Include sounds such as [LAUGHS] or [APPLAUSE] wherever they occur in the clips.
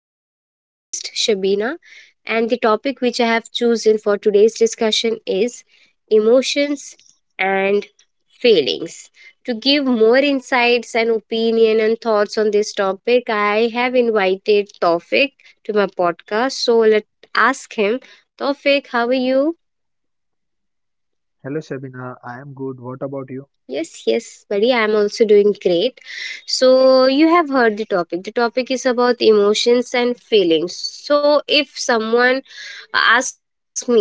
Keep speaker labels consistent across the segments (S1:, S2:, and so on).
S1: I'm your host, Shabina, and the topic which I have chosen for today's discussion is emotions and feelings. To give more insights and opinion and thoughts on this topic, I have invited Tawfiq to my podcast. So let's ask him, Tawfiq, how are you?
S2: Hello Shabina, I am good. What about you?
S1: Yes, yes, buddy, I'm also doing great. So, you have heard the topic. The topic is about emotions and feelings. So, if someone asks me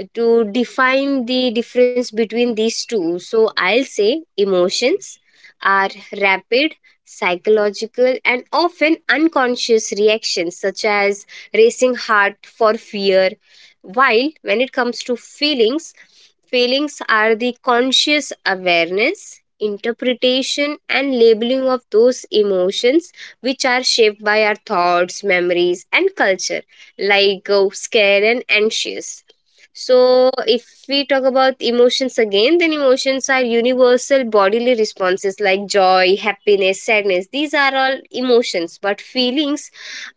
S1: to define the difference between these two, so I'll say emotions are rapid, psychological, and often unconscious reactions, such as racing heart for fear. While when it comes to feelings, feelings are the conscious awareness, interpretation, and labeling of those emotions which are shaped by our thoughts, memories, and culture, like scared and anxious. So, if we talk about emotions again, then emotions are universal bodily responses like joy, happiness, sadness. These are all emotions, but feelings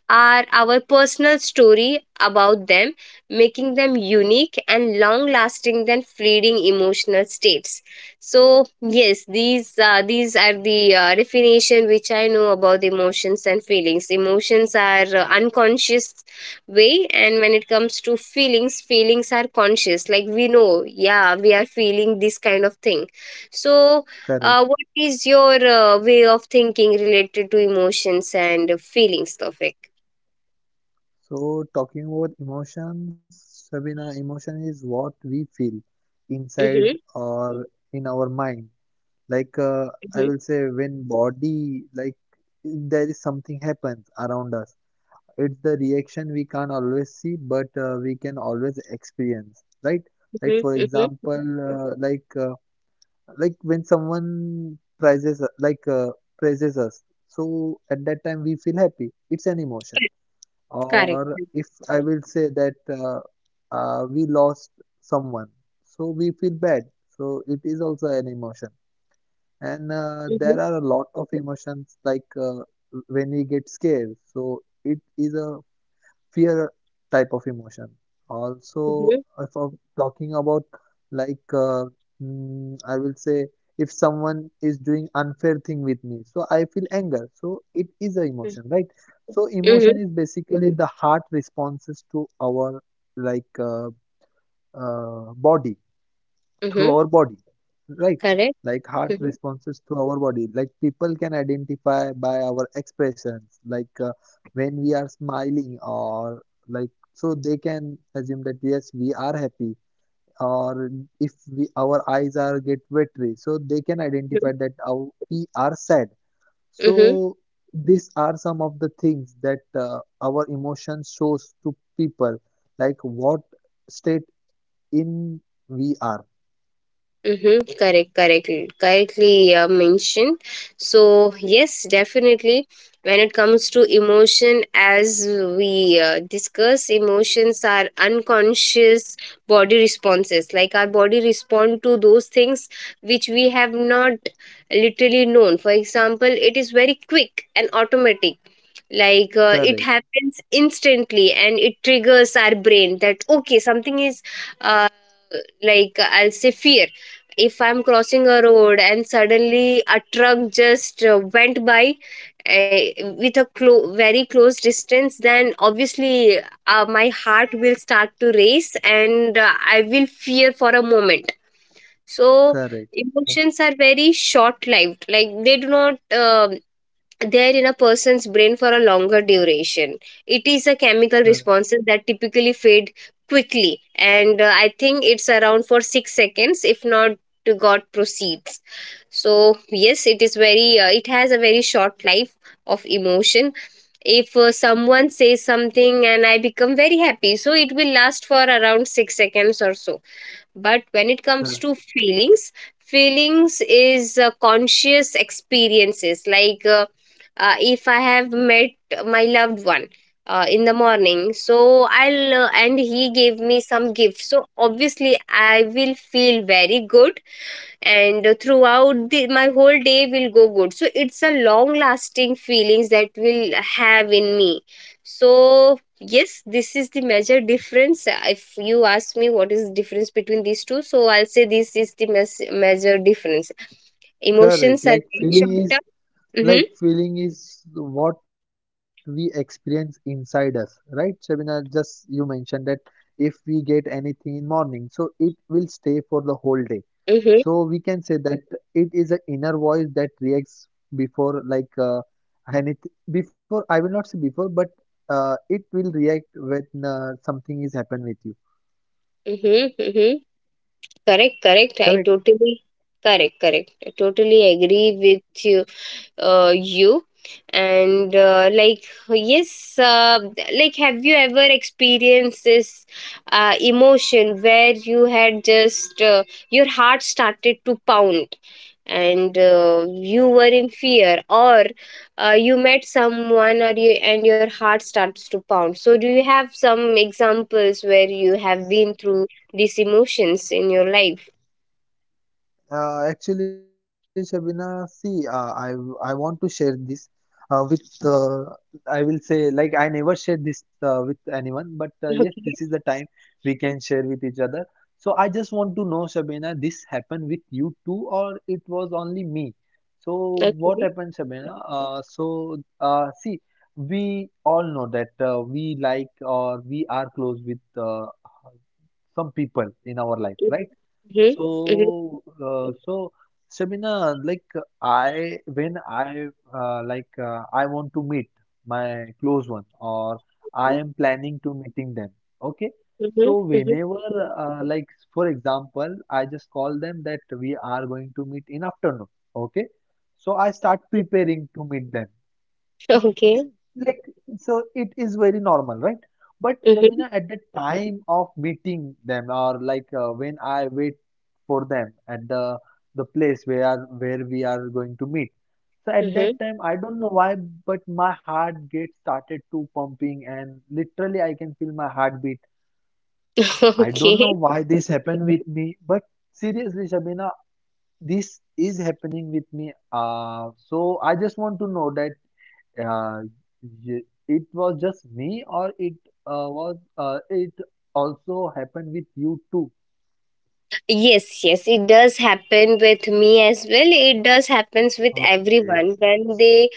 S1: are our personal story about them, making them unique and long lasting than fleeting emotional states. So yes, these are the definition which I know about emotions and feelings. Emotions are unconscious way, and when it comes to feelings, feelings are conscious. Like we know, yeah, we are feeling this kind of thing. So
S2: Correct.
S1: what is your way of thinking related to emotions and feelings topic.
S2: So, talking about emotions, Shabina, emotion is what we feel inside
S1: Mhm,
S2: or in our mind. Like uh, I
S1: mhm,
S2: will say, when body, there is something happens around us. It's the reaction we can't always see, but we can always experience, right? Like
S1: mhm,
S2: for
S1: mhm.
S2: example, uh, like uh, like when someone praises praises us, so at that time we feel happy. It's an emotion.
S1: Correct.
S2: Or if I will say that we lost someone, so we feel bad, so it is also an emotion. And
S1: Mhm,
S2: there are a lot of emotions like, when we get scared, so it is a fear type of emotion. Also,
S1: mhm,
S2: if I'm talking about like uh, I will say, if someone is doing unfair thing with me, so I feel anger. So it is a emotion, right? So emotion
S1: mhm,
S2: is basically the heart responses to our like uh, body,
S1: mhm,
S2: through
S1: mhm.
S2: our body, right?
S1: Correct.
S2: Like heart
S1: Mhm,
S2: responses through our body, like people can identify by our expressions, when we are smiling or like, so they can assume that yes, we are happy. Or if we our eyes are get watery, so they can identify that our, we are sad.
S1: mhm,
S2: So these are some of the things that our emotion shows to people, like what state in we are.
S1: mhm. Correct, correctly mentioned. So yes, definitely. When it comes to emotion, as we discuss, emotions are unconscious body responses. Like our body respond to those things which we have not literally known. For example, it is very quick and automatic like it
S2: Correct,
S1: happens instantly and it triggers our brain that okay something is uh, like I'll say fear. If I'm crossing a road and suddenly a truck just went by with a very close distance, then obviously my heart will start to race and I will fear for a moment. So
S2: correct
S1: emotions are very short lived, like they do not they are in a person's brain for a longer duration. It is a chemical
S2: Correct,
S1: responses that typically fade quickly, and I think it's around for 6 seconds, if not to God proceeds. So yes, it is very. It has a very short life of emotion. If someone says something and I become very happy, so it will last for around 6 seconds or so. But when it comes
S2: correct,
S1: to feelings, feelings is conscious experiences. Like if I have met my loved one in the morning, so I'll and he gave me some gift, so obviously I will feel very good and throughout the, my whole day will go good. So it's a long lasting feelings that will have in me. So yes, this is the major difference. If you ask me what is the difference between these two, so I'll say this is the major difference.
S2: correct.
S1: Emotions are
S2: Like
S1: very
S2: feeling
S1: short
S2: is,
S1: term. Mm-hmm,
S2: like feeling is what we experience inside us, right, Shabina? Just you mentioned that if we get anything in morning, so it will stay for the whole day. So
S1: mm-hmm,
S2: we can say that it is an inner voice that reacts before anything. Before, I will not say before, but it will react when something is happen with you.
S1: mm-hmm, mm-hmm. correct correct i
S2: Correct?
S1: totally Correct, correct, I totally agree with you. You, and like yes, like have you ever experienced this emotion where you had just your heart started to pound and you were in fear or you met someone or you and your heart starts to pound? So do you have some examples where you have been through these emotions in your life?
S2: Actually, Shabina, see, I want to share this with I will say, like, I never shared this with anyone, but yes, this
S1: Okay.
S2: is the time we can share with each other. So I just want to know, Shabina, this happened with you too, or it was only me? So what
S1: Okay.
S2: happened, Shabina? See, we all know that we like, or we are close with some people in our life, right?
S1: Hmm,
S2: So, so Shamina, I, when I like, I want to meet my close one, or I am planning to meeting them. Okay,
S1: hmm,
S2: so
S1: hmm.
S2: whenever uh, like for example, I just call them that we are going to meet in afternoon. Okay, so I start preparing to meet them,
S1: Okay.
S2: like, so it is very normal, right? But
S1: Mm-hmm.
S2: Shabina, at the time of meeting them, or when I wait for them at the place where we are going to meet, so at
S1: Mm-hmm.
S2: that time, I don't know why, but my heart gets started to pumping, and literally I can feel my heartbeat.
S1: [LAUGHS]
S2: I don't know
S1: Okay.
S2: why this happened with me, but seriously Shabina, this is happening with me. So I just want to know that, uh, y- it was just me, or it was it also happened with you too.
S1: Yes, yes, it does happen with me as well. It does happens with
S2: Okay,
S1: everyone when they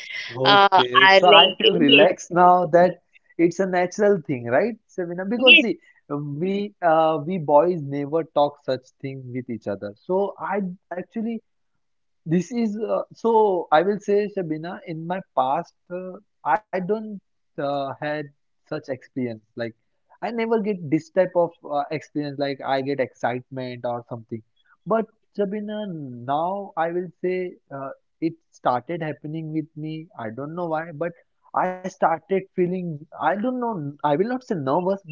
S2: okay.
S1: are
S2: So I
S1: like
S2: feel
S1: yes,
S2: relaxed now that it's a natural thing, right, Sabina? Because
S1: yes.
S2: see, we, we boys never talk such things with each other. So I actually, this is, so I will say, Shabina, in my past, I don't had such experience. Like I never get this type of experience. Like I get excitement or something. But Shabina, now I will say, it started happening with me. I don't know why, but I started feeling. I don't know. I will not say nervous, but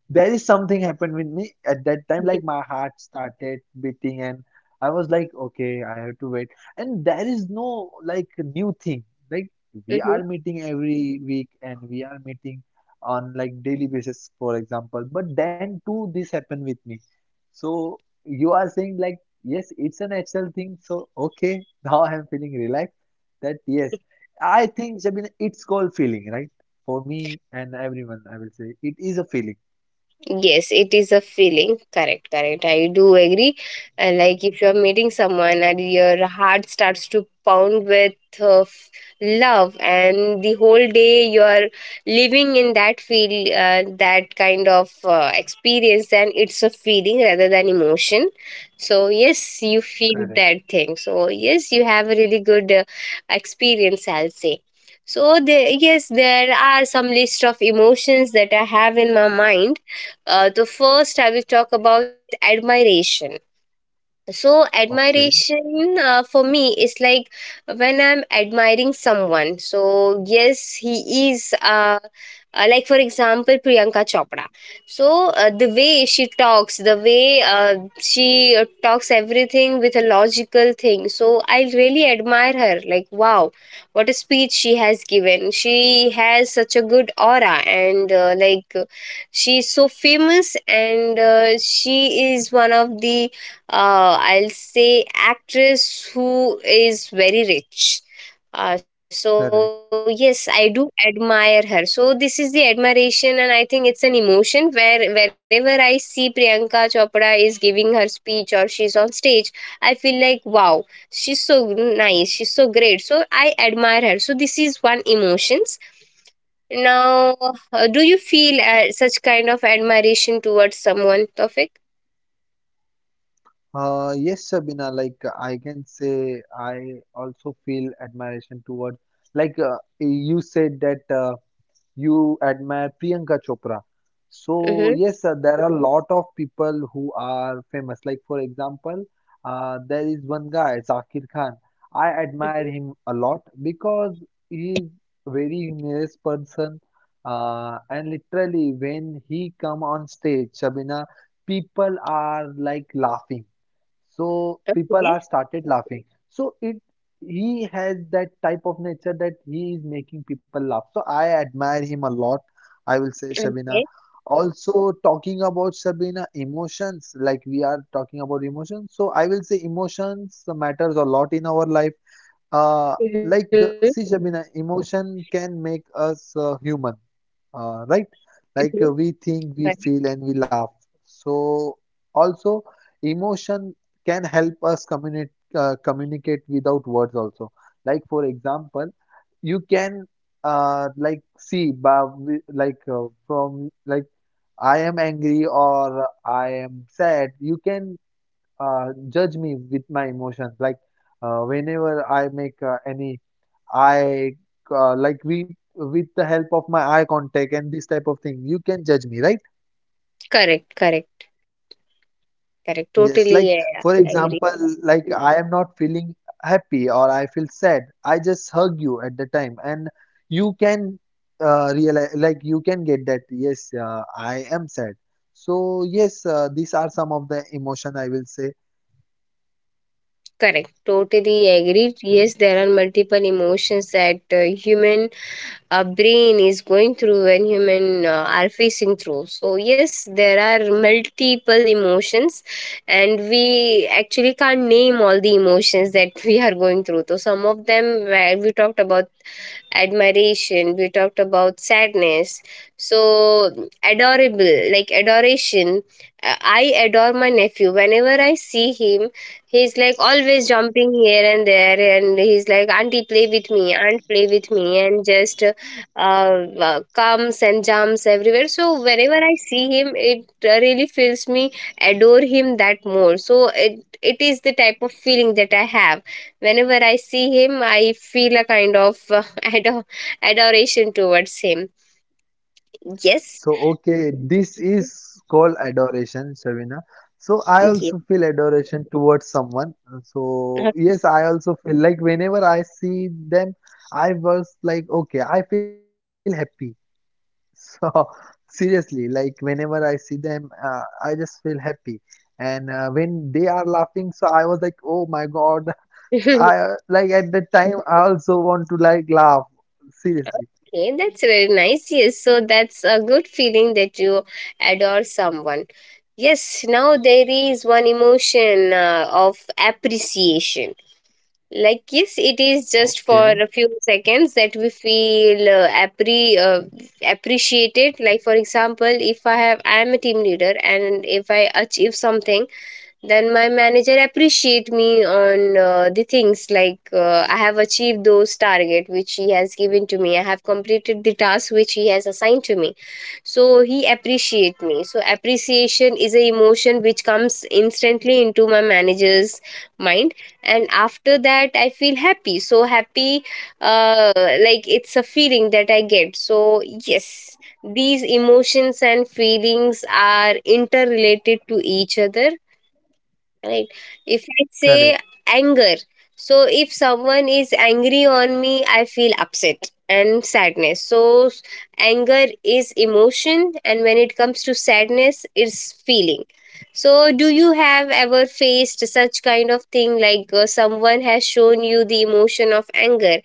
S2: there is something happened with me at that time, like
S1: [LAUGHS]
S2: my heart started beating, and I was like, okay, I have to wait. And there is no like new thing. Like we
S1: Mm-hmm.
S2: are meeting every week and we are meeting on like daily basis, for example, but then too this happened with me. So you are saying like yes, it's a natural thing, so okay. [LAUGHS] Now I am feeling relaxed that yes, I think Shabina, it's called feeling, right? For me and everyone, I will say it is a feeling.
S1: Yes, it is a feeling. Correct, correct. I do agree. Like if you're meeting someone and your heart starts to pound with uh, f- love, and the whole day you're living in that feel, that kind of experience, then it's a feeling rather than emotion. So, yes, you
S2: Correct.
S1: feel that thing. So, yes, you have a really good experience, I'll say. So, there, yes, there are some list of emotions that I have in my mind. The first, I will talk about admiration. So
S2: Okay.
S1: admiration for me is like when I'm admiring someone, so yes, he is like for example Priyanka Chopra. So the way she talks, the way she talks everything with a logical thing, so I really admire her. Like wow, what a speech she has given. She has such a good aura, and like she's so famous, and she is one of the I'll say actress who is very rich. So yes, I
S2: Correct.
S1: do admire her. So this is the admiration, and I think it's an emotion where wherever I see Priyanka Chopra is giving her speech or she's on stage, I feel like wow, she's so nice, she's so great. So I admire her. So this is one emotions. Now, do you feel such kind of admiration towards someone, Tofik?
S2: Yes, Sabina, I can say I also feel admiration towards, you said that. You admire Priyanka Chopra. So yes,
S1: Mm-hmm.
S2: sir, there are a lot of people who are famous. Like for example, there is one guy, Zakir Khan. I admire him a lot because he is very humorous person. And literally, when he come on stage, Shabina, people are like laughing. So people are started laughing. So it, he has that type of nature that he is making people laugh. So I admire him a lot, I will say, Shabina.
S1: Okay.
S2: Also, talking about Shabina emotions, like we are talking about emotions. So I will say emotions matters a lot in our life. Uh,
S1: Mhm,
S2: see, Shabina, emotion can make us human, right?
S1: mhm.
S2: We
S1: Correct.
S2: think, we feel, and we laugh. So, also, emotion can help us communicate without words also. Like, for example, you can, like see, ba- wi- like from, like, I am angry or I am sad. You can judge me with my emotions, whenever I make any eye, like, we, with the help of my eye contact and this type of thing, you can judge me, right?
S1: Correct, correct, correct.
S2: Yes,
S1: Totally,
S2: like
S1: yeah,
S2: for
S1: agree.
S2: example, like I am not feeling happy, or I feel sad, I just hug you at the time, and you can realize, like you can get that yes, I am sad. So yes, these are some of the emotion, I will say.
S1: Correct. Totally agree. Yes, there are multiple emotions that human brain is going through when human are facing through. So yes, there are multiple emotions, and we actually can't name all the emotions that [LAUGHS] we are going through. So some of them, where we talked about admiration, we talked about sadness, so adorable, like adoration. I adore my nephew whenever I see him. He's like always jumping here and there, and he's like auntie play with me, aunt play with me, and just comes and jumps everywhere. So whenever I see him, it really feels me adore him that more. So it is the type of feeling that I have. Whenever I see him, I feel a kind of [LAUGHS] adoration towards him. Yes.
S2: So, okay, this
S1: Yeah.
S2: is called adoration, Shavina. So, I
S1: Okay,
S2: also feel adoration towards someone. So, yes,
S1: [LAUGHS]
S2: I also feel like whenever I see them, I was like, okay, I feel happy. [LAUGHS] So, seriously, like whenever I see them, I just feel happy. And when they are laughing, so I was like, oh my God, [LAUGHS] I,
S1: okay,
S2: like at that time, I also want to like laugh. Seriously.
S1: that's very nice. Yes, so that's a good feeling that you adore someone. Yes, now there is one emotion of appreciation. Like, yes, it is just for
S2: Okay,
S1: a few seconds that we feel appreciated. Like, for example, if I have, I am a team leader, and if I achieve something, then my manager appreciate me on the things, like I have achieved those target which he has given to me, I have completed the task which he has assigned to me. So he appreciate me. So appreciation is a emotion which comes instantly into my manager's mind, and after that I feel happy. So happy, uh, like it's a feeling that I get. So yes, these emotions and feelings are interrelated to each other, right? If I
S2: correct.
S1: say anger, so if someone is angry on me, I feel upset and sadness. So s- anger is emotion, and when it comes to sadness, it's feeling. So do you have ever faced such kind of thing, like someone has shown you the emotion of anger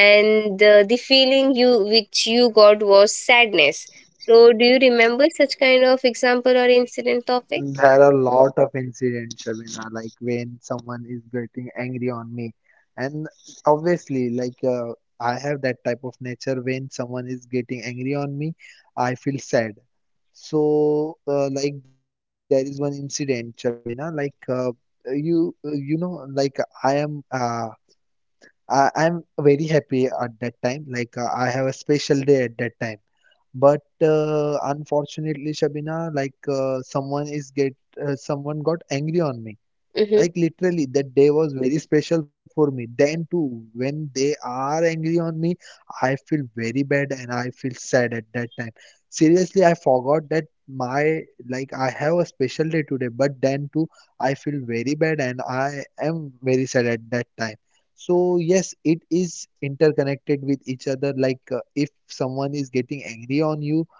S1: and the feeling you which you got was sadness? So do you remember such kind of example or incident topic?
S2: There are a lot of incidents, Shabina, like when someone is getting angry on me. And obviously, I have that type of nature, when someone is getting angry on me, I feel sad. So, like there is one incident, Shabina, you you know, like I am, I'm very happy at that time. I have a special day at that time. But unfortunately, Shabina, someone is get, someone got angry on me. Like
S1: Mm-hmm.
S2: literally, that day was very special for me. Then too, when they are angry on me, I feel very bad and I feel sad at that time. Seriously, I forgot that my, like, I have a special day today, but then too, I feel very bad and I am very sad at that time. So yes, it is interconnected with each other. If someone is getting angry on you,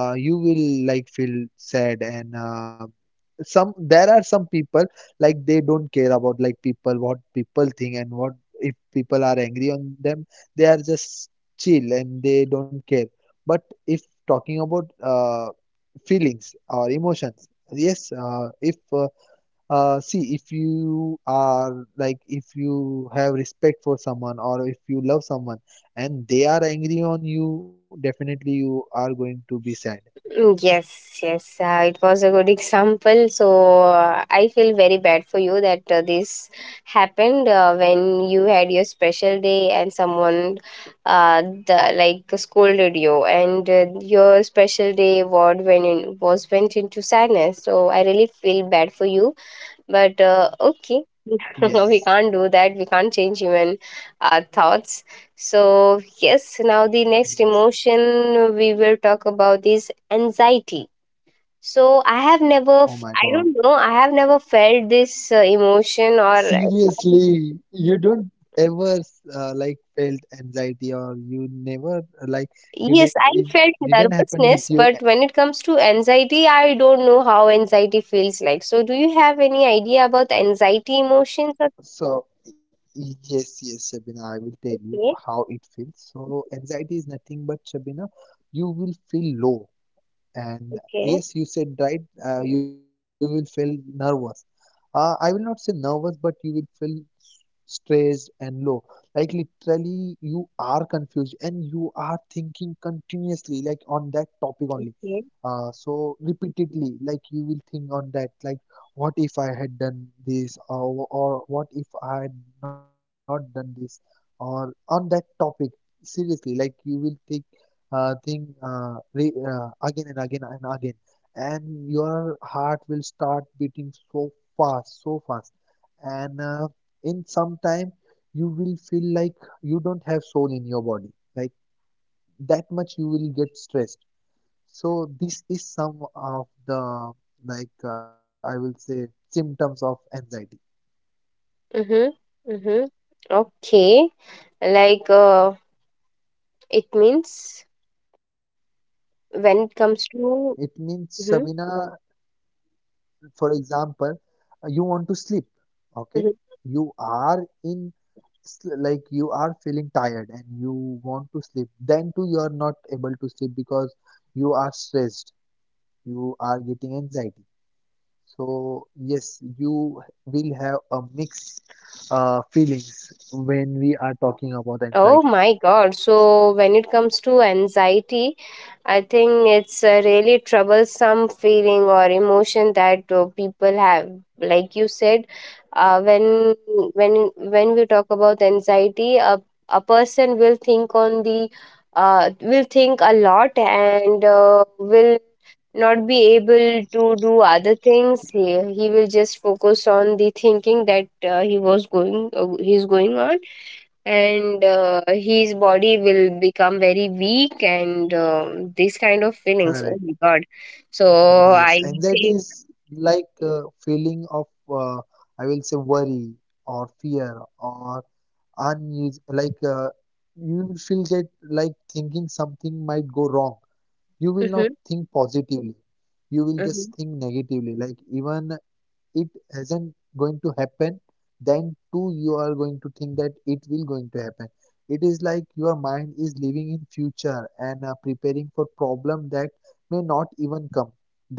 S2: you will like feel sad. And some there are some people, like they don't care about, like, people what people think, and what if people are angry on them, they are just chill and they don't care. But if talking about feelings or emotions, yes, if see, if you are, like, if you have respect for someone, or if you love someone, and they are angry on you, definitely you are going to be sad.
S1: Mm, yes, yes, it was a good example. So I feel very bad for you that this happened when you had your special day, and someone uh, the, like scolded you, and your special day award when in, was went into sadness. So I really feel bad for you, but okay, [LAUGHS] we
S2: Yes.
S1: can't do that. We can't change even our thoughts. So, yes, now the next
S2: Yes.
S1: emotion we will talk about is anxiety. So, I have never,
S2: Oh my
S1: I
S2: God.
S1: don't know, I have never felt this emotion or
S2: Seriously, you don't ever felt anxiety, or you never you did
S1: yes, I
S2: it,
S1: felt
S2: didn't happen with
S1: nervousness,
S2: you.
S1: but when it comes to anxiety, I don't know how anxiety feels like. So, do you have any idea about anxiety emotions? Or
S2: So yes, yes, Shabina, I will tell you
S1: okay.
S2: how it feels. So anxiety is nothing but, Shabina, you will feel low. And
S1: Okay.
S2: yes, you said right, you will feel nervous. I will not say nervous, but you will feel s- stressed and low. Like literally, you are confused and you are thinking continuously, like on that topic only. So repeatedly, like you will think on that, like what if I had done this, or what if I had not done this, or on that topic. Seriously, like you will think thing re again and again and again, and your heart will start beating so fast, and in some time, you will feel like you don't have soul in your body, like that much you will get stressed. So this is some of the, I will say, symptoms of anxiety.
S1: Mhm. Mhm. Okay. Like uh, it means when it comes
S2: It
S1: to.
S2: means,
S1: Mhm.
S2: Sabina, for example, you want to sleep, okay?
S1: Mhm.
S2: You are in like you are feeling tired and you want to sleep, then too you are not able to sleep because you are stressed, you are getting anxiety. So yes, you will have a mixed feelings when we are talking about
S1: Oh
S2: anxiety.
S1: my God. So, when it comes to anxiety, I think it's a really troublesome feeling or emotion that people have. Like you said, uh, when when we talk about anxiety, a person will think on the will think a lot, and will not be able to do other things. He will just focus on the thinking that he's going on, and his body will become very weak, and this kind of feelings. Oh
S2: Correct.
S1: my god. So
S2: Yes,
S1: I
S2: anxiety
S1: think
S2: is like a feeling of I will say worry or fear or unus like you feel that, like, thinking something might go wrong. You will not
S1: mhm,
S2: think positively, you will just
S1: mhm.
S2: think negatively. Like, even it isn't going to happen, then too you are going to think that it will going to happen. It is like your mind is living in future and preparing for problem that may not even come.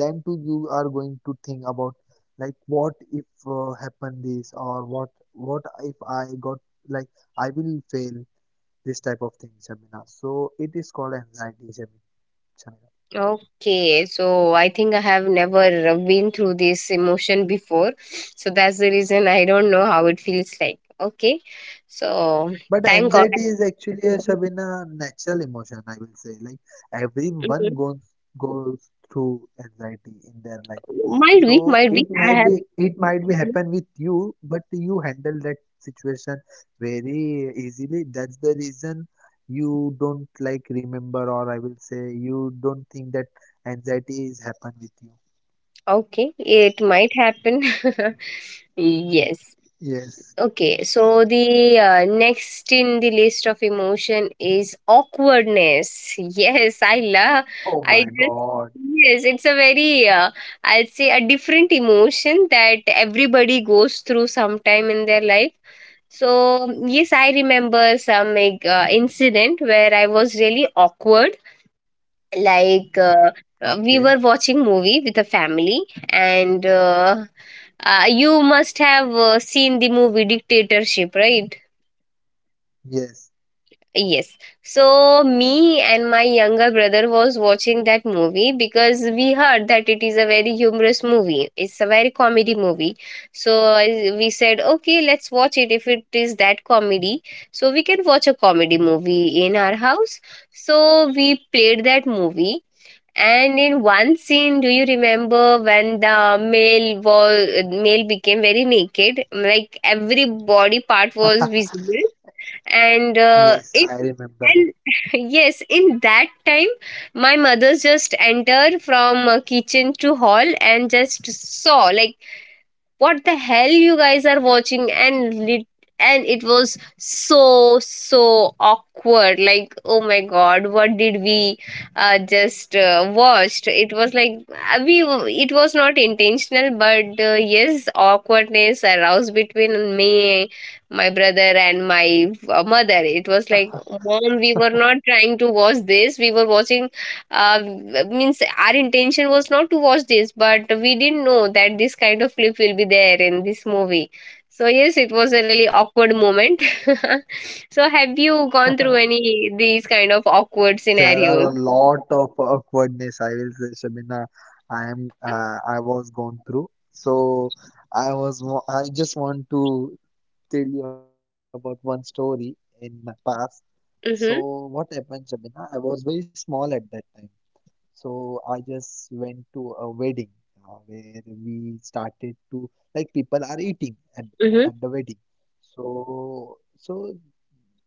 S2: Then too you are going to think about, like, what if happen this, or what if I got, like, I will fail, this type of things, Shamina. So it is called anxiety, Shamina.
S1: Okay, so I think I have never been through this emotion before. So that's the reason I don't know how it feels like. Okay, so
S2: But
S1: thank god.
S2: anxiety is actually a Shabina natural emotion, I will say. Like, everyone
S1: Mhm.
S2: goes through anxiety in their life.
S1: Might be,
S2: So it
S1: I
S2: might
S1: have.
S2: be, happen with you, but you handle that situation very easily. That's the reason you don't, like, remember, or I will say you don't think that anxiety is happen with you.
S1: Okay, it might happen. [LAUGHS] Yes.
S2: Yes.
S1: Okay, so the next in the list of emotion is awkwardness. [LAUGHS] Yes, I love.
S2: Oh my
S1: I just
S2: God.
S1: Yes, it's a very I'll say a different emotion that everybody goes through sometime in their life. So yes, I remember some like, incident where I was really awkward like
S2: Okay.
S1: we were watching movie with a family, and you must have seen the movie Dictatorship, right?
S2: Yes.
S1: Yes. So me and my younger brother was watching that movie because we heard that it is a very humorous movie. It's a very comedy movie. So we said, okay, let's watch it if it is that comedy. So we can watch a comedy movie in our house. So we played that movie. And in one scene, do you remember when the male became very naked? Like every body part was visible, and
S2: Yes,
S1: it
S2: I remember.
S1: and [LAUGHS] yes, in that time, my mother just entered from kitchen to hall and just saw, like, what the hell you guys are watching. And it was so so awkward, like oh my god, what did we just watched. It was like we it was not intentional, but yes, awkwardness aroused between me, my brother, and my mother. It was like, mom, we were not trying to watch this, we were watching uh, means our intention was not to watch this, but we didn't know that this kind of clip will be there in this movie. So yes, it was a really awkward moment. [LAUGHS] So have you gone through any these kind of awkward
S2: There are
S1: scenarios?
S2: a lot of awkwardness, I will say, Shabina, I am, I was going through. So I was, I just want to tell you about one story in my
S1: Mm-hmm,
S2: past. So what happened, Shabina? I was very small at that time. So I just went to a wedding where we started to, like, people
S1: mm-hmm.
S2: are eating at the wedding. So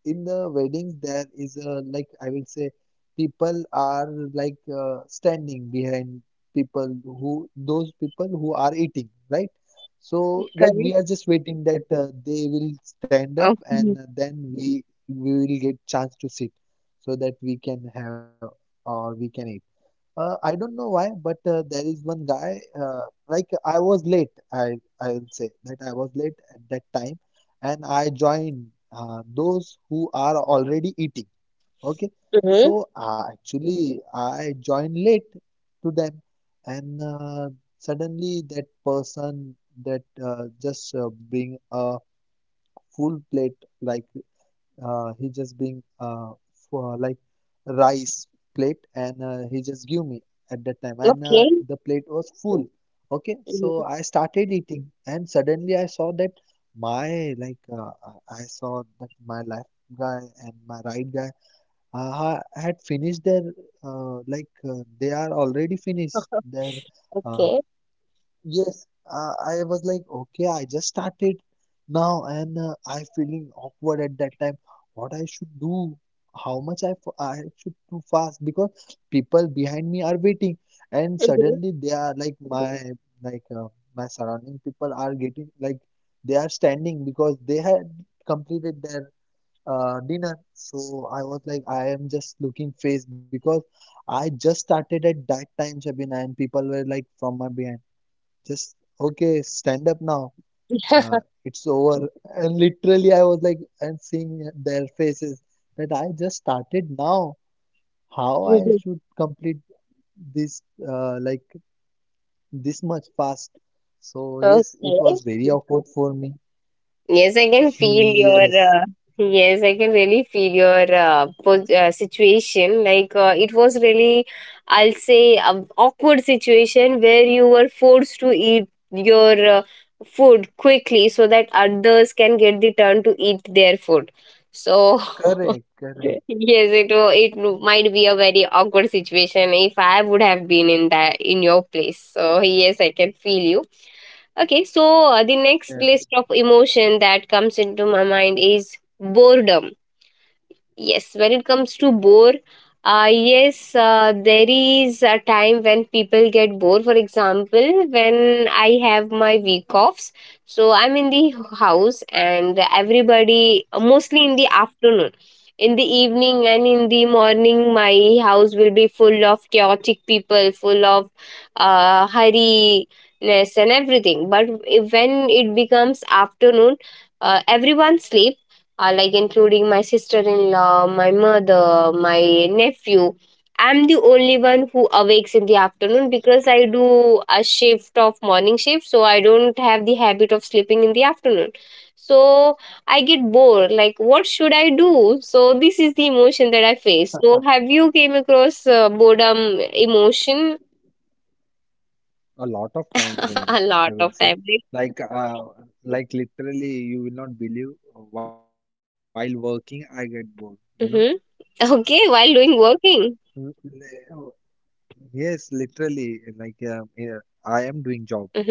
S2: in the weddings there is a, like, I will say people are, like, standing behind people who, those people who are eating, right?
S1: Correct.
S2: So, like, we are just waiting that they will
S1: Okay.
S2: stand up and then we will get chance to sit, so that we can have or we can eat. I don't know why, but there is one guy. Like, I was late. I'll say that I was late at that time, and I joined those who are already eating. Okay,
S1: Mm-hmm.
S2: so actually I joined late to them, and suddenly that person, that just bring a full plate, like, he just being for, like, rice plate, and he just give me at that time,
S1: Okay.
S2: and the plate was full. Okay,
S1: Mhm.
S2: so I started eating and suddenly I saw that my, like, I saw that my left guy and my right guy had finished their, they are already
S1: [LAUGHS]
S2: finished their
S1: Okay.
S2: uh, Yes, I was like, okay, I just started now, and I feeling awkward at that time. What I should do? How much I I should do fast? Because people behind me are waiting, and
S1: Mhm.
S2: suddenly they are like my, like, my surrounding people are getting, like, they are standing because they had completed their dinner. So I was like, I am just looking face because I just started at that time, Shabina, and people were like from my behind, just okay, stand up now, it's over. And literally I was like and seeing their faces that I just started now, how I
S1: Mhm.
S2: should complete this uh, like this much fast. So
S1: [LAUGHS]
S2: yes, it was
S1: Okay.
S2: very awkward for me.
S1: Yes, I can
S2: [LAUGHS]
S1: feel your.
S2: yes.
S1: Yes, I can really feel your situation. Like, it was really, I'll say, an awkward situation where you were forced to eat your food quickly so that others can get the turn to eat their food. So
S2: Correct, correct,
S1: [LAUGHS] yes, it might be a very awkward situation if I would have been in that in your place. So yes, I can feel you. Okay, so the next
S2: correct.
S1: list of emotion that comes into my mind is boredom. Yes, when it comes to bore, yes, there is a time when people get bored. For example, when I have my week offs, so I'm in the house and everybody, mostly in the afternoon. In the evening and in the morning, my house will be full of chaotic people, full of hurriness and everything. But when it becomes afternoon, everyone sleeps, like including my sister in law, my mother, my nephew. I'm the only one who awakes in the afternoon because I do a shift of morning shift, so I don't have the habit of sleeping in the afternoon. So I get bored. Like, what should I do? So this is the emotion that I face. So have you came across boredom emotion?
S2: A lot of times, I
S1: [LAUGHS]
S2: mean,
S1: A
S2: I
S1: lot
S2: will
S1: of
S2: say,
S1: time? Right?
S2: like, like literally, you will not believe, while working I get bored, you know.
S1: Mm-hmm. Okay, while doing working.
S2: Mm. Yes, literally, like, yeah, I am doing job.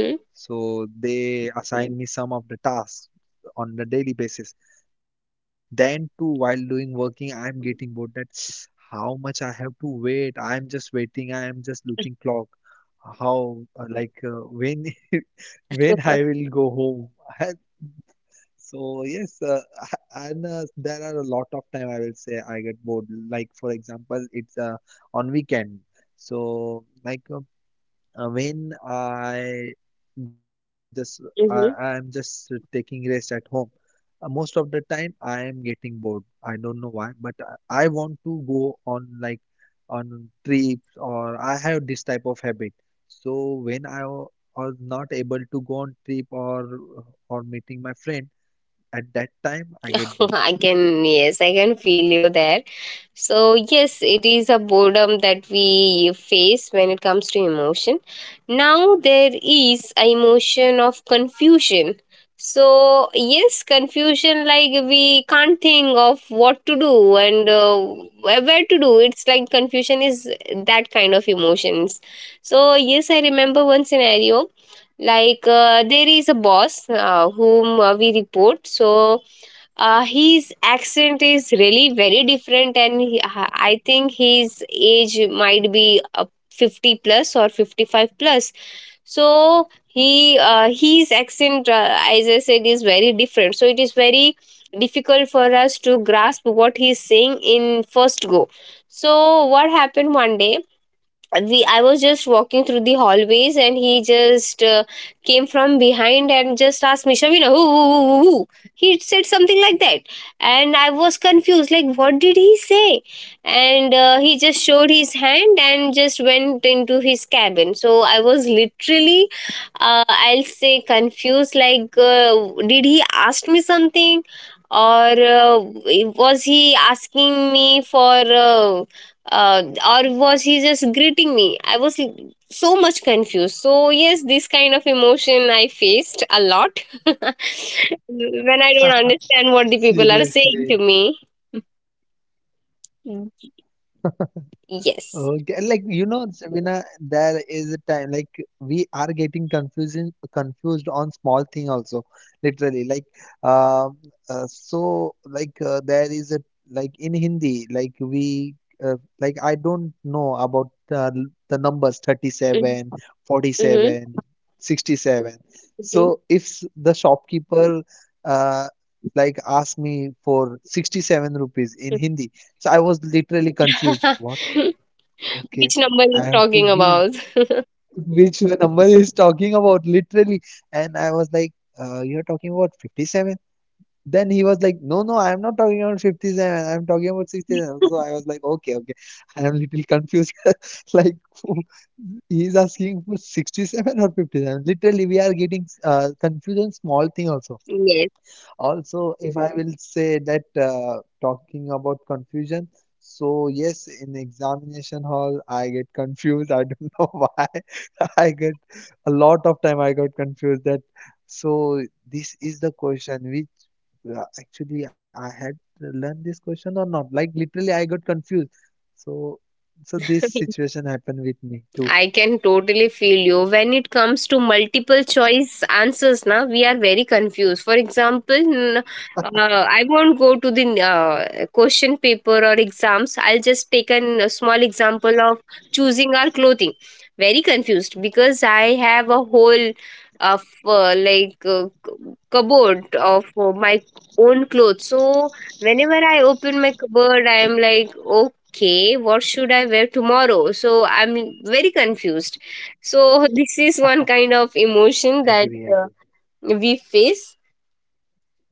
S2: So they assign me some of the tasks on the daily basis. Then too, while doing working, I'm getting bored that [SNIFFS] how much I have to wait. I'm just waiting. I am just looking clock. How, when, [LAUGHS] when I
S1: Mm-hmm.
S2: will go home? [LAUGHS] So yes, [LAUGHS] and there are a lot of time, I will say, I get bored. Like for example, it's on weekend. So, like, when just I'm just
S1: [LAUGHS]
S2: taking rest at home. Most of the time I am getting bored. I don't know why, but I want to go on, like, on trips, or I have this type of habit. So when was not able to go on trip or meeting my friend, at that time I get bored.
S1: [LAUGHS] Yes, I can feel you there. So, yes, it is a boredom that we face when it comes to emotion. Now, there is a emotion of confusion. So, yes, confusion like we can't think of what to do and where to do. It's like confusion is that kind of emotions. So, yes, I remember one scenario like there is a boss whom we report, so his accent is really very different, and I think his age might be 50 plus or 55 plus. So he his accent, as I said, is very different, so it is very difficult for us to grasp what he is saying in first go. So what happened one day, we I was just walking through the hallways, and he just came from behind and just asked me, Shavina, who, who?" He said something like that, and I was confused, like, what did he say? And he just showed his hand and just went into his cabin, so I was literally I'll say confused, like, did he ask me something? Or was he asking me for uh, or was he just greeting me? I was so much confused, so yes, this kind of emotion I faced a lot. [LAUGHS] When I don't understand what the people are saying
S2: Seriously.
S1: to me. Mm. Yes.
S2: Okay, like, you know, Sabina, there is a time, like, we are getting confusing confused on small thing also, literally. Like, um, so, like, there is a, like, in Hindi, like, we uh, like, I don't know about the numbers 37, forty
S1: Mm-hmm.
S2: seven, 67. So
S1: [LAUGHS]
S2: if the shopkeeper uh, like asked me for 67 rupees in Hindi, so I was literally confused. What?
S1: Hmm.
S2: Okay,
S1: Which number
S2: I
S1: is
S2: have to
S1: talking
S2: give,
S1: about?
S2: which one number is talking about, literally. And I was like, you're talking about 57? Then he was like, no, no, I'm not talking about 57, I'm talking about 67. So I was like, okay, okay, I am little confused. [LAUGHS] Like, who- he's asking for 67 or 57. Literally, we are getting confused on small thing also.
S1: Yes,
S2: Also, if I will say that, talking about confusion, so yes, in examination hall, I get confused. I don't [LAUGHS] know why. I get a lot of time, I got confused that, so this is the question which actually, I had learned this question or not. Like, literally, I got confused. So, so this situation happened with me too.
S1: I can totally feel you. When it comes to multiple choice answers, now we are very confused. For example, I won't go to the question paper or exams. I'll just take a small example of choosing our clothing. Very confused because I have a whole of like cupboard of my own clothes. So whenever I open my cupboard, I am like, oh, okay, what should I wear tomorrow? So I'm very confused. So [LAUGHS] this is one kind of emotion that uh,
S2: Agree, agree.
S1: we face.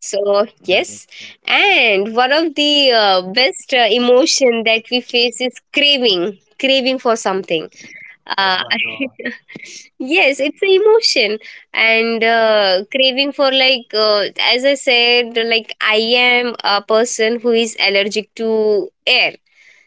S1: So yes,
S2: Correct, correct.
S1: and one of the best emotion that we face is craving, craving for something. Uh,
S2: Oh my God.
S1: [LAUGHS] yes, it's an emotion, and craving for like as I said, like I am a person who is allergic to air,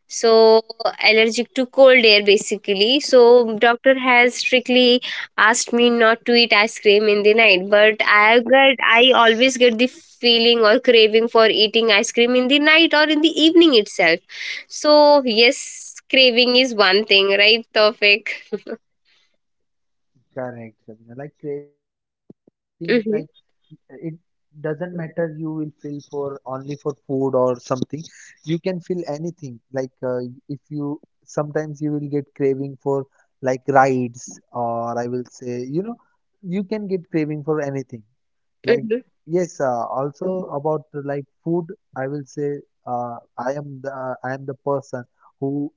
S1: so allergic to cold air basically, so doctor has strictly asked me not to eat ice cream in the night, but I always get the feeling or craving for eating ice cream in the night or in the evening itself. So yes, craving is one thing, right, Tofik?
S2: Correct, Shabina. Like, craving is nothing, like,
S1: Hmm.
S2: it doesn't matter, you will feel for only for food or something, you can feel anything, like, if you, sometimes you will get craving for, like, rides, or I will say, you know, you can get craving for anything, like.
S1: Hmm.
S2: Yes, also about, food, I will say, uh, i am the I am the person who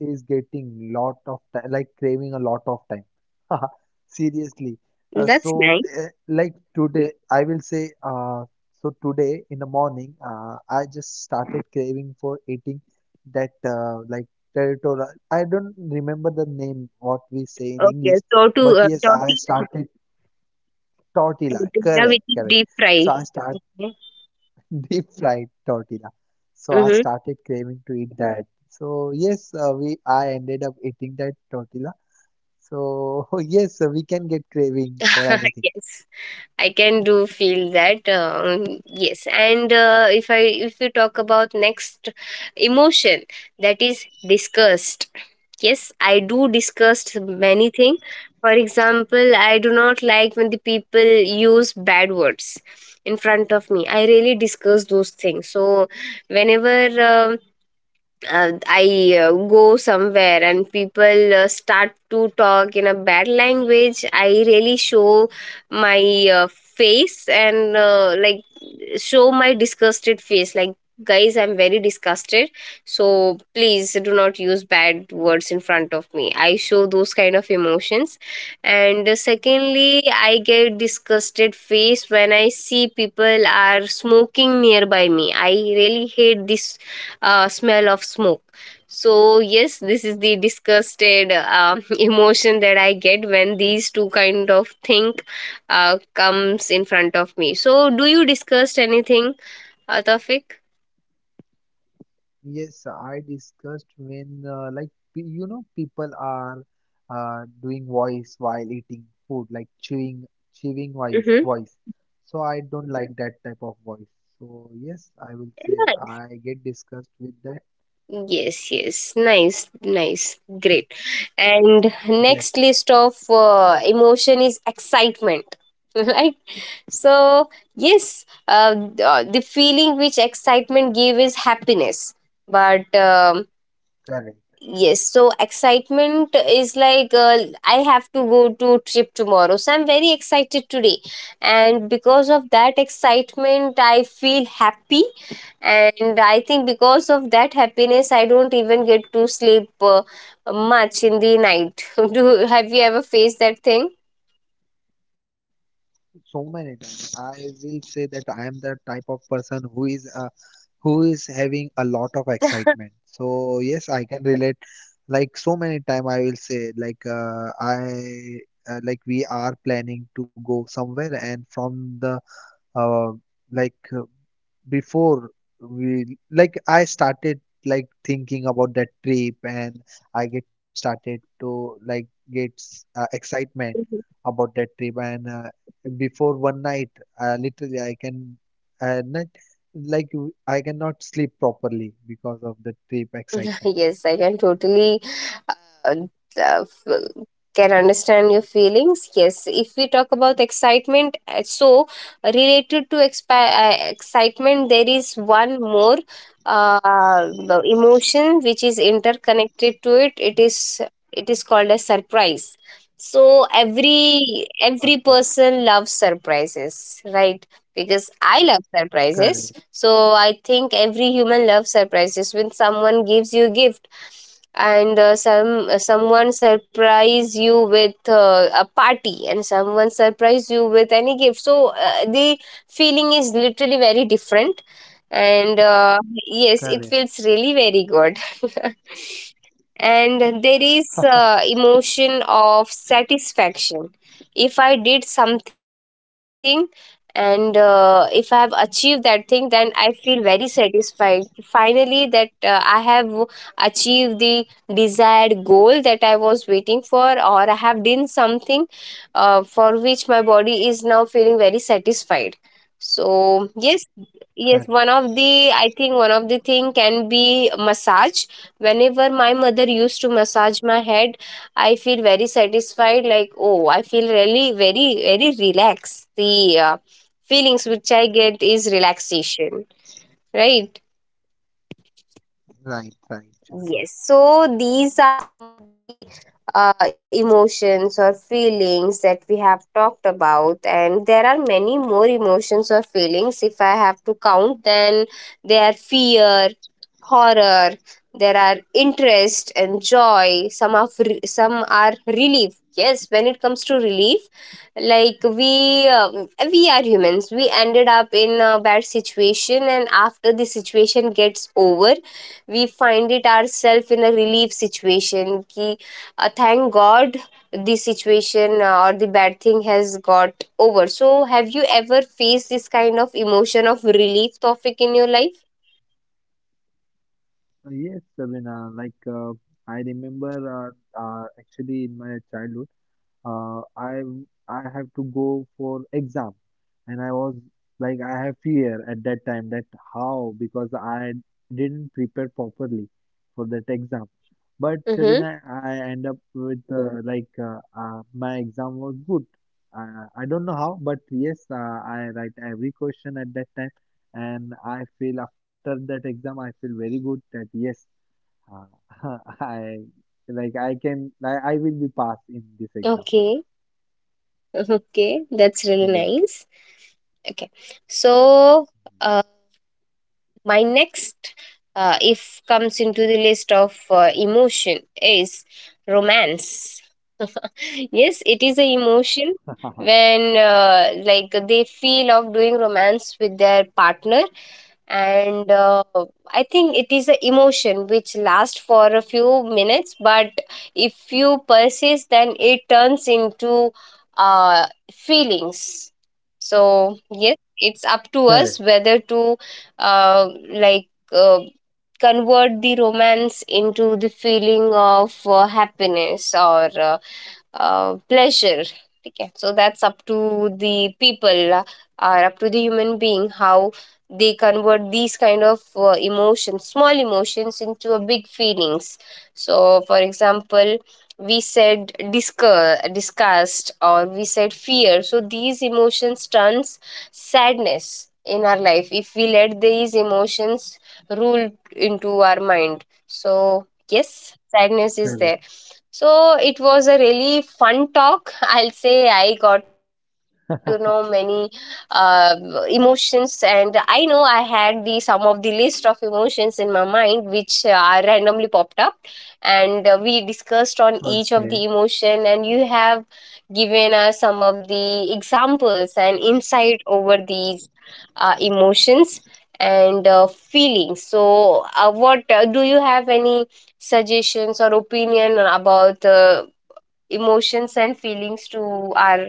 S2: is getting lot of time, like, craving a lot of time. [LAUGHS] Seriously.
S1: That's
S2: So,
S1: nice.
S2: like, today, I will say, so today in the morning, I just started craving for eating that, like, territorial. I don't remember the name, what we say in
S1: Okay,
S2: English,
S1: so to
S2: but yes, I
S1: tortilla,
S2: started tortilla.
S1: tortilla
S2: Correct,
S1: with
S2: correct.
S1: deep fry.
S2: So I started deep fried tortilla. So I
S1: Mm-hmm.
S2: started craving to eat that. So yes, we I ended up eating that tortilla. So [LAUGHS] yes, we can get craving for
S1: [LAUGHS]
S2: anything.
S1: Yes, I can do feel that, yes, and if you talk about next emotion, that is disgust. Yes, I do disgust many things. For example, I do not like when the people use bad words in front of me. I really discuss those things. So whenever um I go somewhere and people start to talk in a bad language, I really show my face and like show my disgusted face. Like, guys, I'm very disgusted. So please do not use bad words in front of me. I show those kind of emotions. And secondly, I get disgusted face when I see people are smoking nearby me. I really hate this smell of smoke. So yes, this is the disgusted [LAUGHS] emotion that I get when these two kind of thing comes in front of me. So do you discuss anything, Tawfiq?
S2: Yes, I discussed when, like, you know, people are doing voice while eating food, like, chewing chewing voice
S1: Mm-hmm.
S2: voice. So I don't like that type of voice. So yes, I will say
S1: Nice.
S2: I get disgusted with that.
S1: Yes, yes, nice, nice, great. And next
S2: Yes,
S1: list of emotion is excitement. [LAUGHS] Right, so yes, the feeling which excitement give is happiness, but
S2: correct.
S1: yes, so excitement is like I have to go to trip tomorrow. So I'm very excited today. And because of that excitement, I feel happy. And I think because of that happiness, I don't even get to sleep much in the night. [LAUGHS] Do have you ever faced that thing?
S2: So many times, I will say, that I am the type of person who is, who is having a lot of excitement. So yes, I can relate. Like, so many time, I will say, like, I like, we are planning to go somewhere, and from the uh, like uh, before we, like, I started, like, thinking about that trip, and I get started to, like, get excitement about that trip, and before one night, literally I can, not, like, I cannot sleep properly because of the trip
S1: [LAUGHS]
S2: excitement.
S1: Yes, I can totally uh, uh, f- can understand your feelings. Yes, if we talk about excitement, so related to excitement, there is one more uh, the emotion which is interconnected to it. It is called a surprise. So every
S2: Bye-bye.
S1: person loves surprises, right? Because I love surprises.
S2: Correct,
S1: So I think every human loves surprises. When someone gives you a gift, and someone surprise you with a party, and someone surprise you with any gift, so the feeling is literally very different. And yes, it
S2: correct,
S1: feels really very good. [LAUGHS] And there is emotion of satisfaction. If I did something and if I have achieved that thing, then I feel very satisfied finally that I have achieved the desired goal that I was waiting for, or I have done something for which my body is now feeling very satisfied. So yes, yes,
S2: correct.
S1: one of the I think one of the thing can be massage. Whenever my mother used to massage my head, I feel very satisfied. Like, oh, I feel really very, very relaxed. The feelings which I get is relaxation, right?
S2: Right, right, Chirag.
S1: Yes. So these emotions or feelings that we have talked about, and there are many more emotions or feelings if I have to count. Then there are fear, horror, there are interest and joy, some are some are relief. Yes, when it comes to relief, like, we are humans, we ended up in a bad situation, and after the situation gets over, we find it ourselves in a relief situation, ki, thank god the situation or the bad thing has got over, so have you ever faced this kind of emotion of relief topic in your life?
S2: Yes, Sabina, like, I remember, actually in my childhood, uh, I I have to go for exam, and I was like, I have fear at that time that how, because I didn't prepare properly for that exam.
S1: Mm-hmm.
S2: But Sabina, I end up with, my exam was good. I don't know how, but yes, I write every question at that time, and I feel after that exam I feel very good that yes, uh, [LAUGHS] I, like, I can, I will be passed in this exam.
S1: Okay. [LAUGHS] Okay, that's really
S2: Yes.
S1: nice. Okay, so uh, my next, if comes into the list of emotion, is romance. [LAUGHS] Yes, it is a emotion
S2: [LAUGHS]
S1: when like they feel of doing romance with their partner, and I think it is an emotion which lasts for a few minutes, but if you persist, then it turns into uh, feelings. So yes, it's up to
S2: Correct,
S1: us whether to uh, like uh, convert the romance into the feeling of happiness or pleasure. Okay, so that's up to the people or up to the human being how they convert these kind of emotions, small emotions, into a big feelings. So, for example, we said disgust, disgust, or we said fear. So these emotions turns sadness in our life if we let these emotions rule into our mind. So yes, sadness is
S2: correct.
S1: there. So it was a really fun talk. [LAUGHS] I'll say I got to know many uh, emotions, and I know I had the some of the list of emotions in my mind, which randomly popped up, and we discussed on each of
S2: Okay.
S1: the emotion, and you have given us some of the examples and insight over these emotions and feelings. So, what do you have any suggestions or opinion about emotions and feelings to our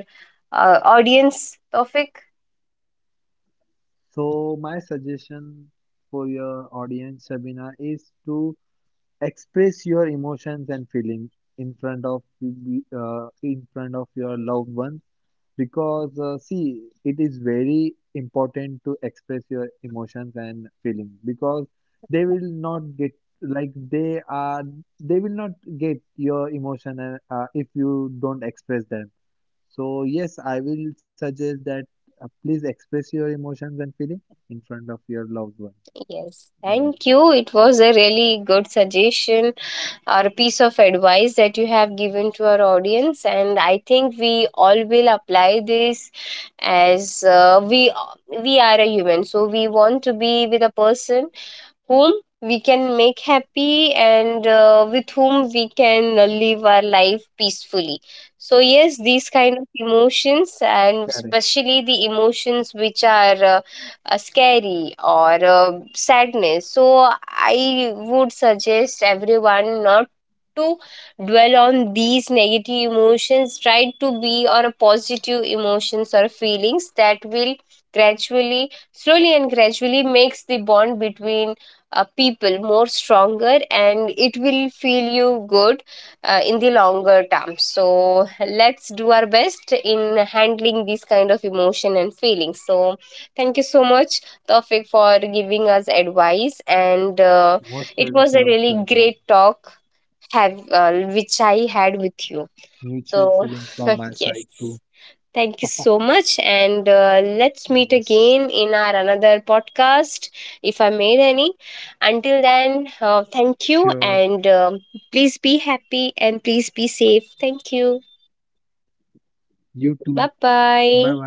S1: audience, Tofik?
S2: So my suggestion for your audience, Sabina, is to express your emotions and feeling in front of in front of your loved ones, because, see, it is very important to express your emotions and feelings, because they will not get, like, they are, they will not get your emotion. And if you don't express them, so yes, I will suggest that please express your emotions and feeling in front of your loved one,
S1: Yes,
S2: loved one.
S1: thank you. It was a really good suggestion or piece of advice that you have given to our audience, and I think we all will apply this as we are a human, so we want to be with a person whom we can make happy and with whom we can live our life peacefully, so yes, these kind of
S2: Correct.
S1: emotions and especially the emotions which are scary or sadness, so I would suggest everyone not to dwell on these negative emotions. Try to be on a positive emotions or feelings that will gradually, slowly and gradually makes the bond between people more stronger, and it will feel you good in the longer term. So let's do our best in handling these kind of emotion and feelings. So thank you so much, Tawfiq, for giving us
S2: Most
S1: advice,
S2: welcome,
S1: and
S2: Surya.
S1: it was a really great talk have which I had
S2: Mutual
S1: with you.
S2: feeling from my side
S1: So
S2: too.
S1: [LAUGHS] yes. Thank you so much. And
S2: Yes,
S1: let's meet again in our another podcast if I made any.
S2: sure.
S1: Until then, thank you. And please be happy and please be safe. Thank you.
S2: You too. Bye bye.
S1: Bye bye.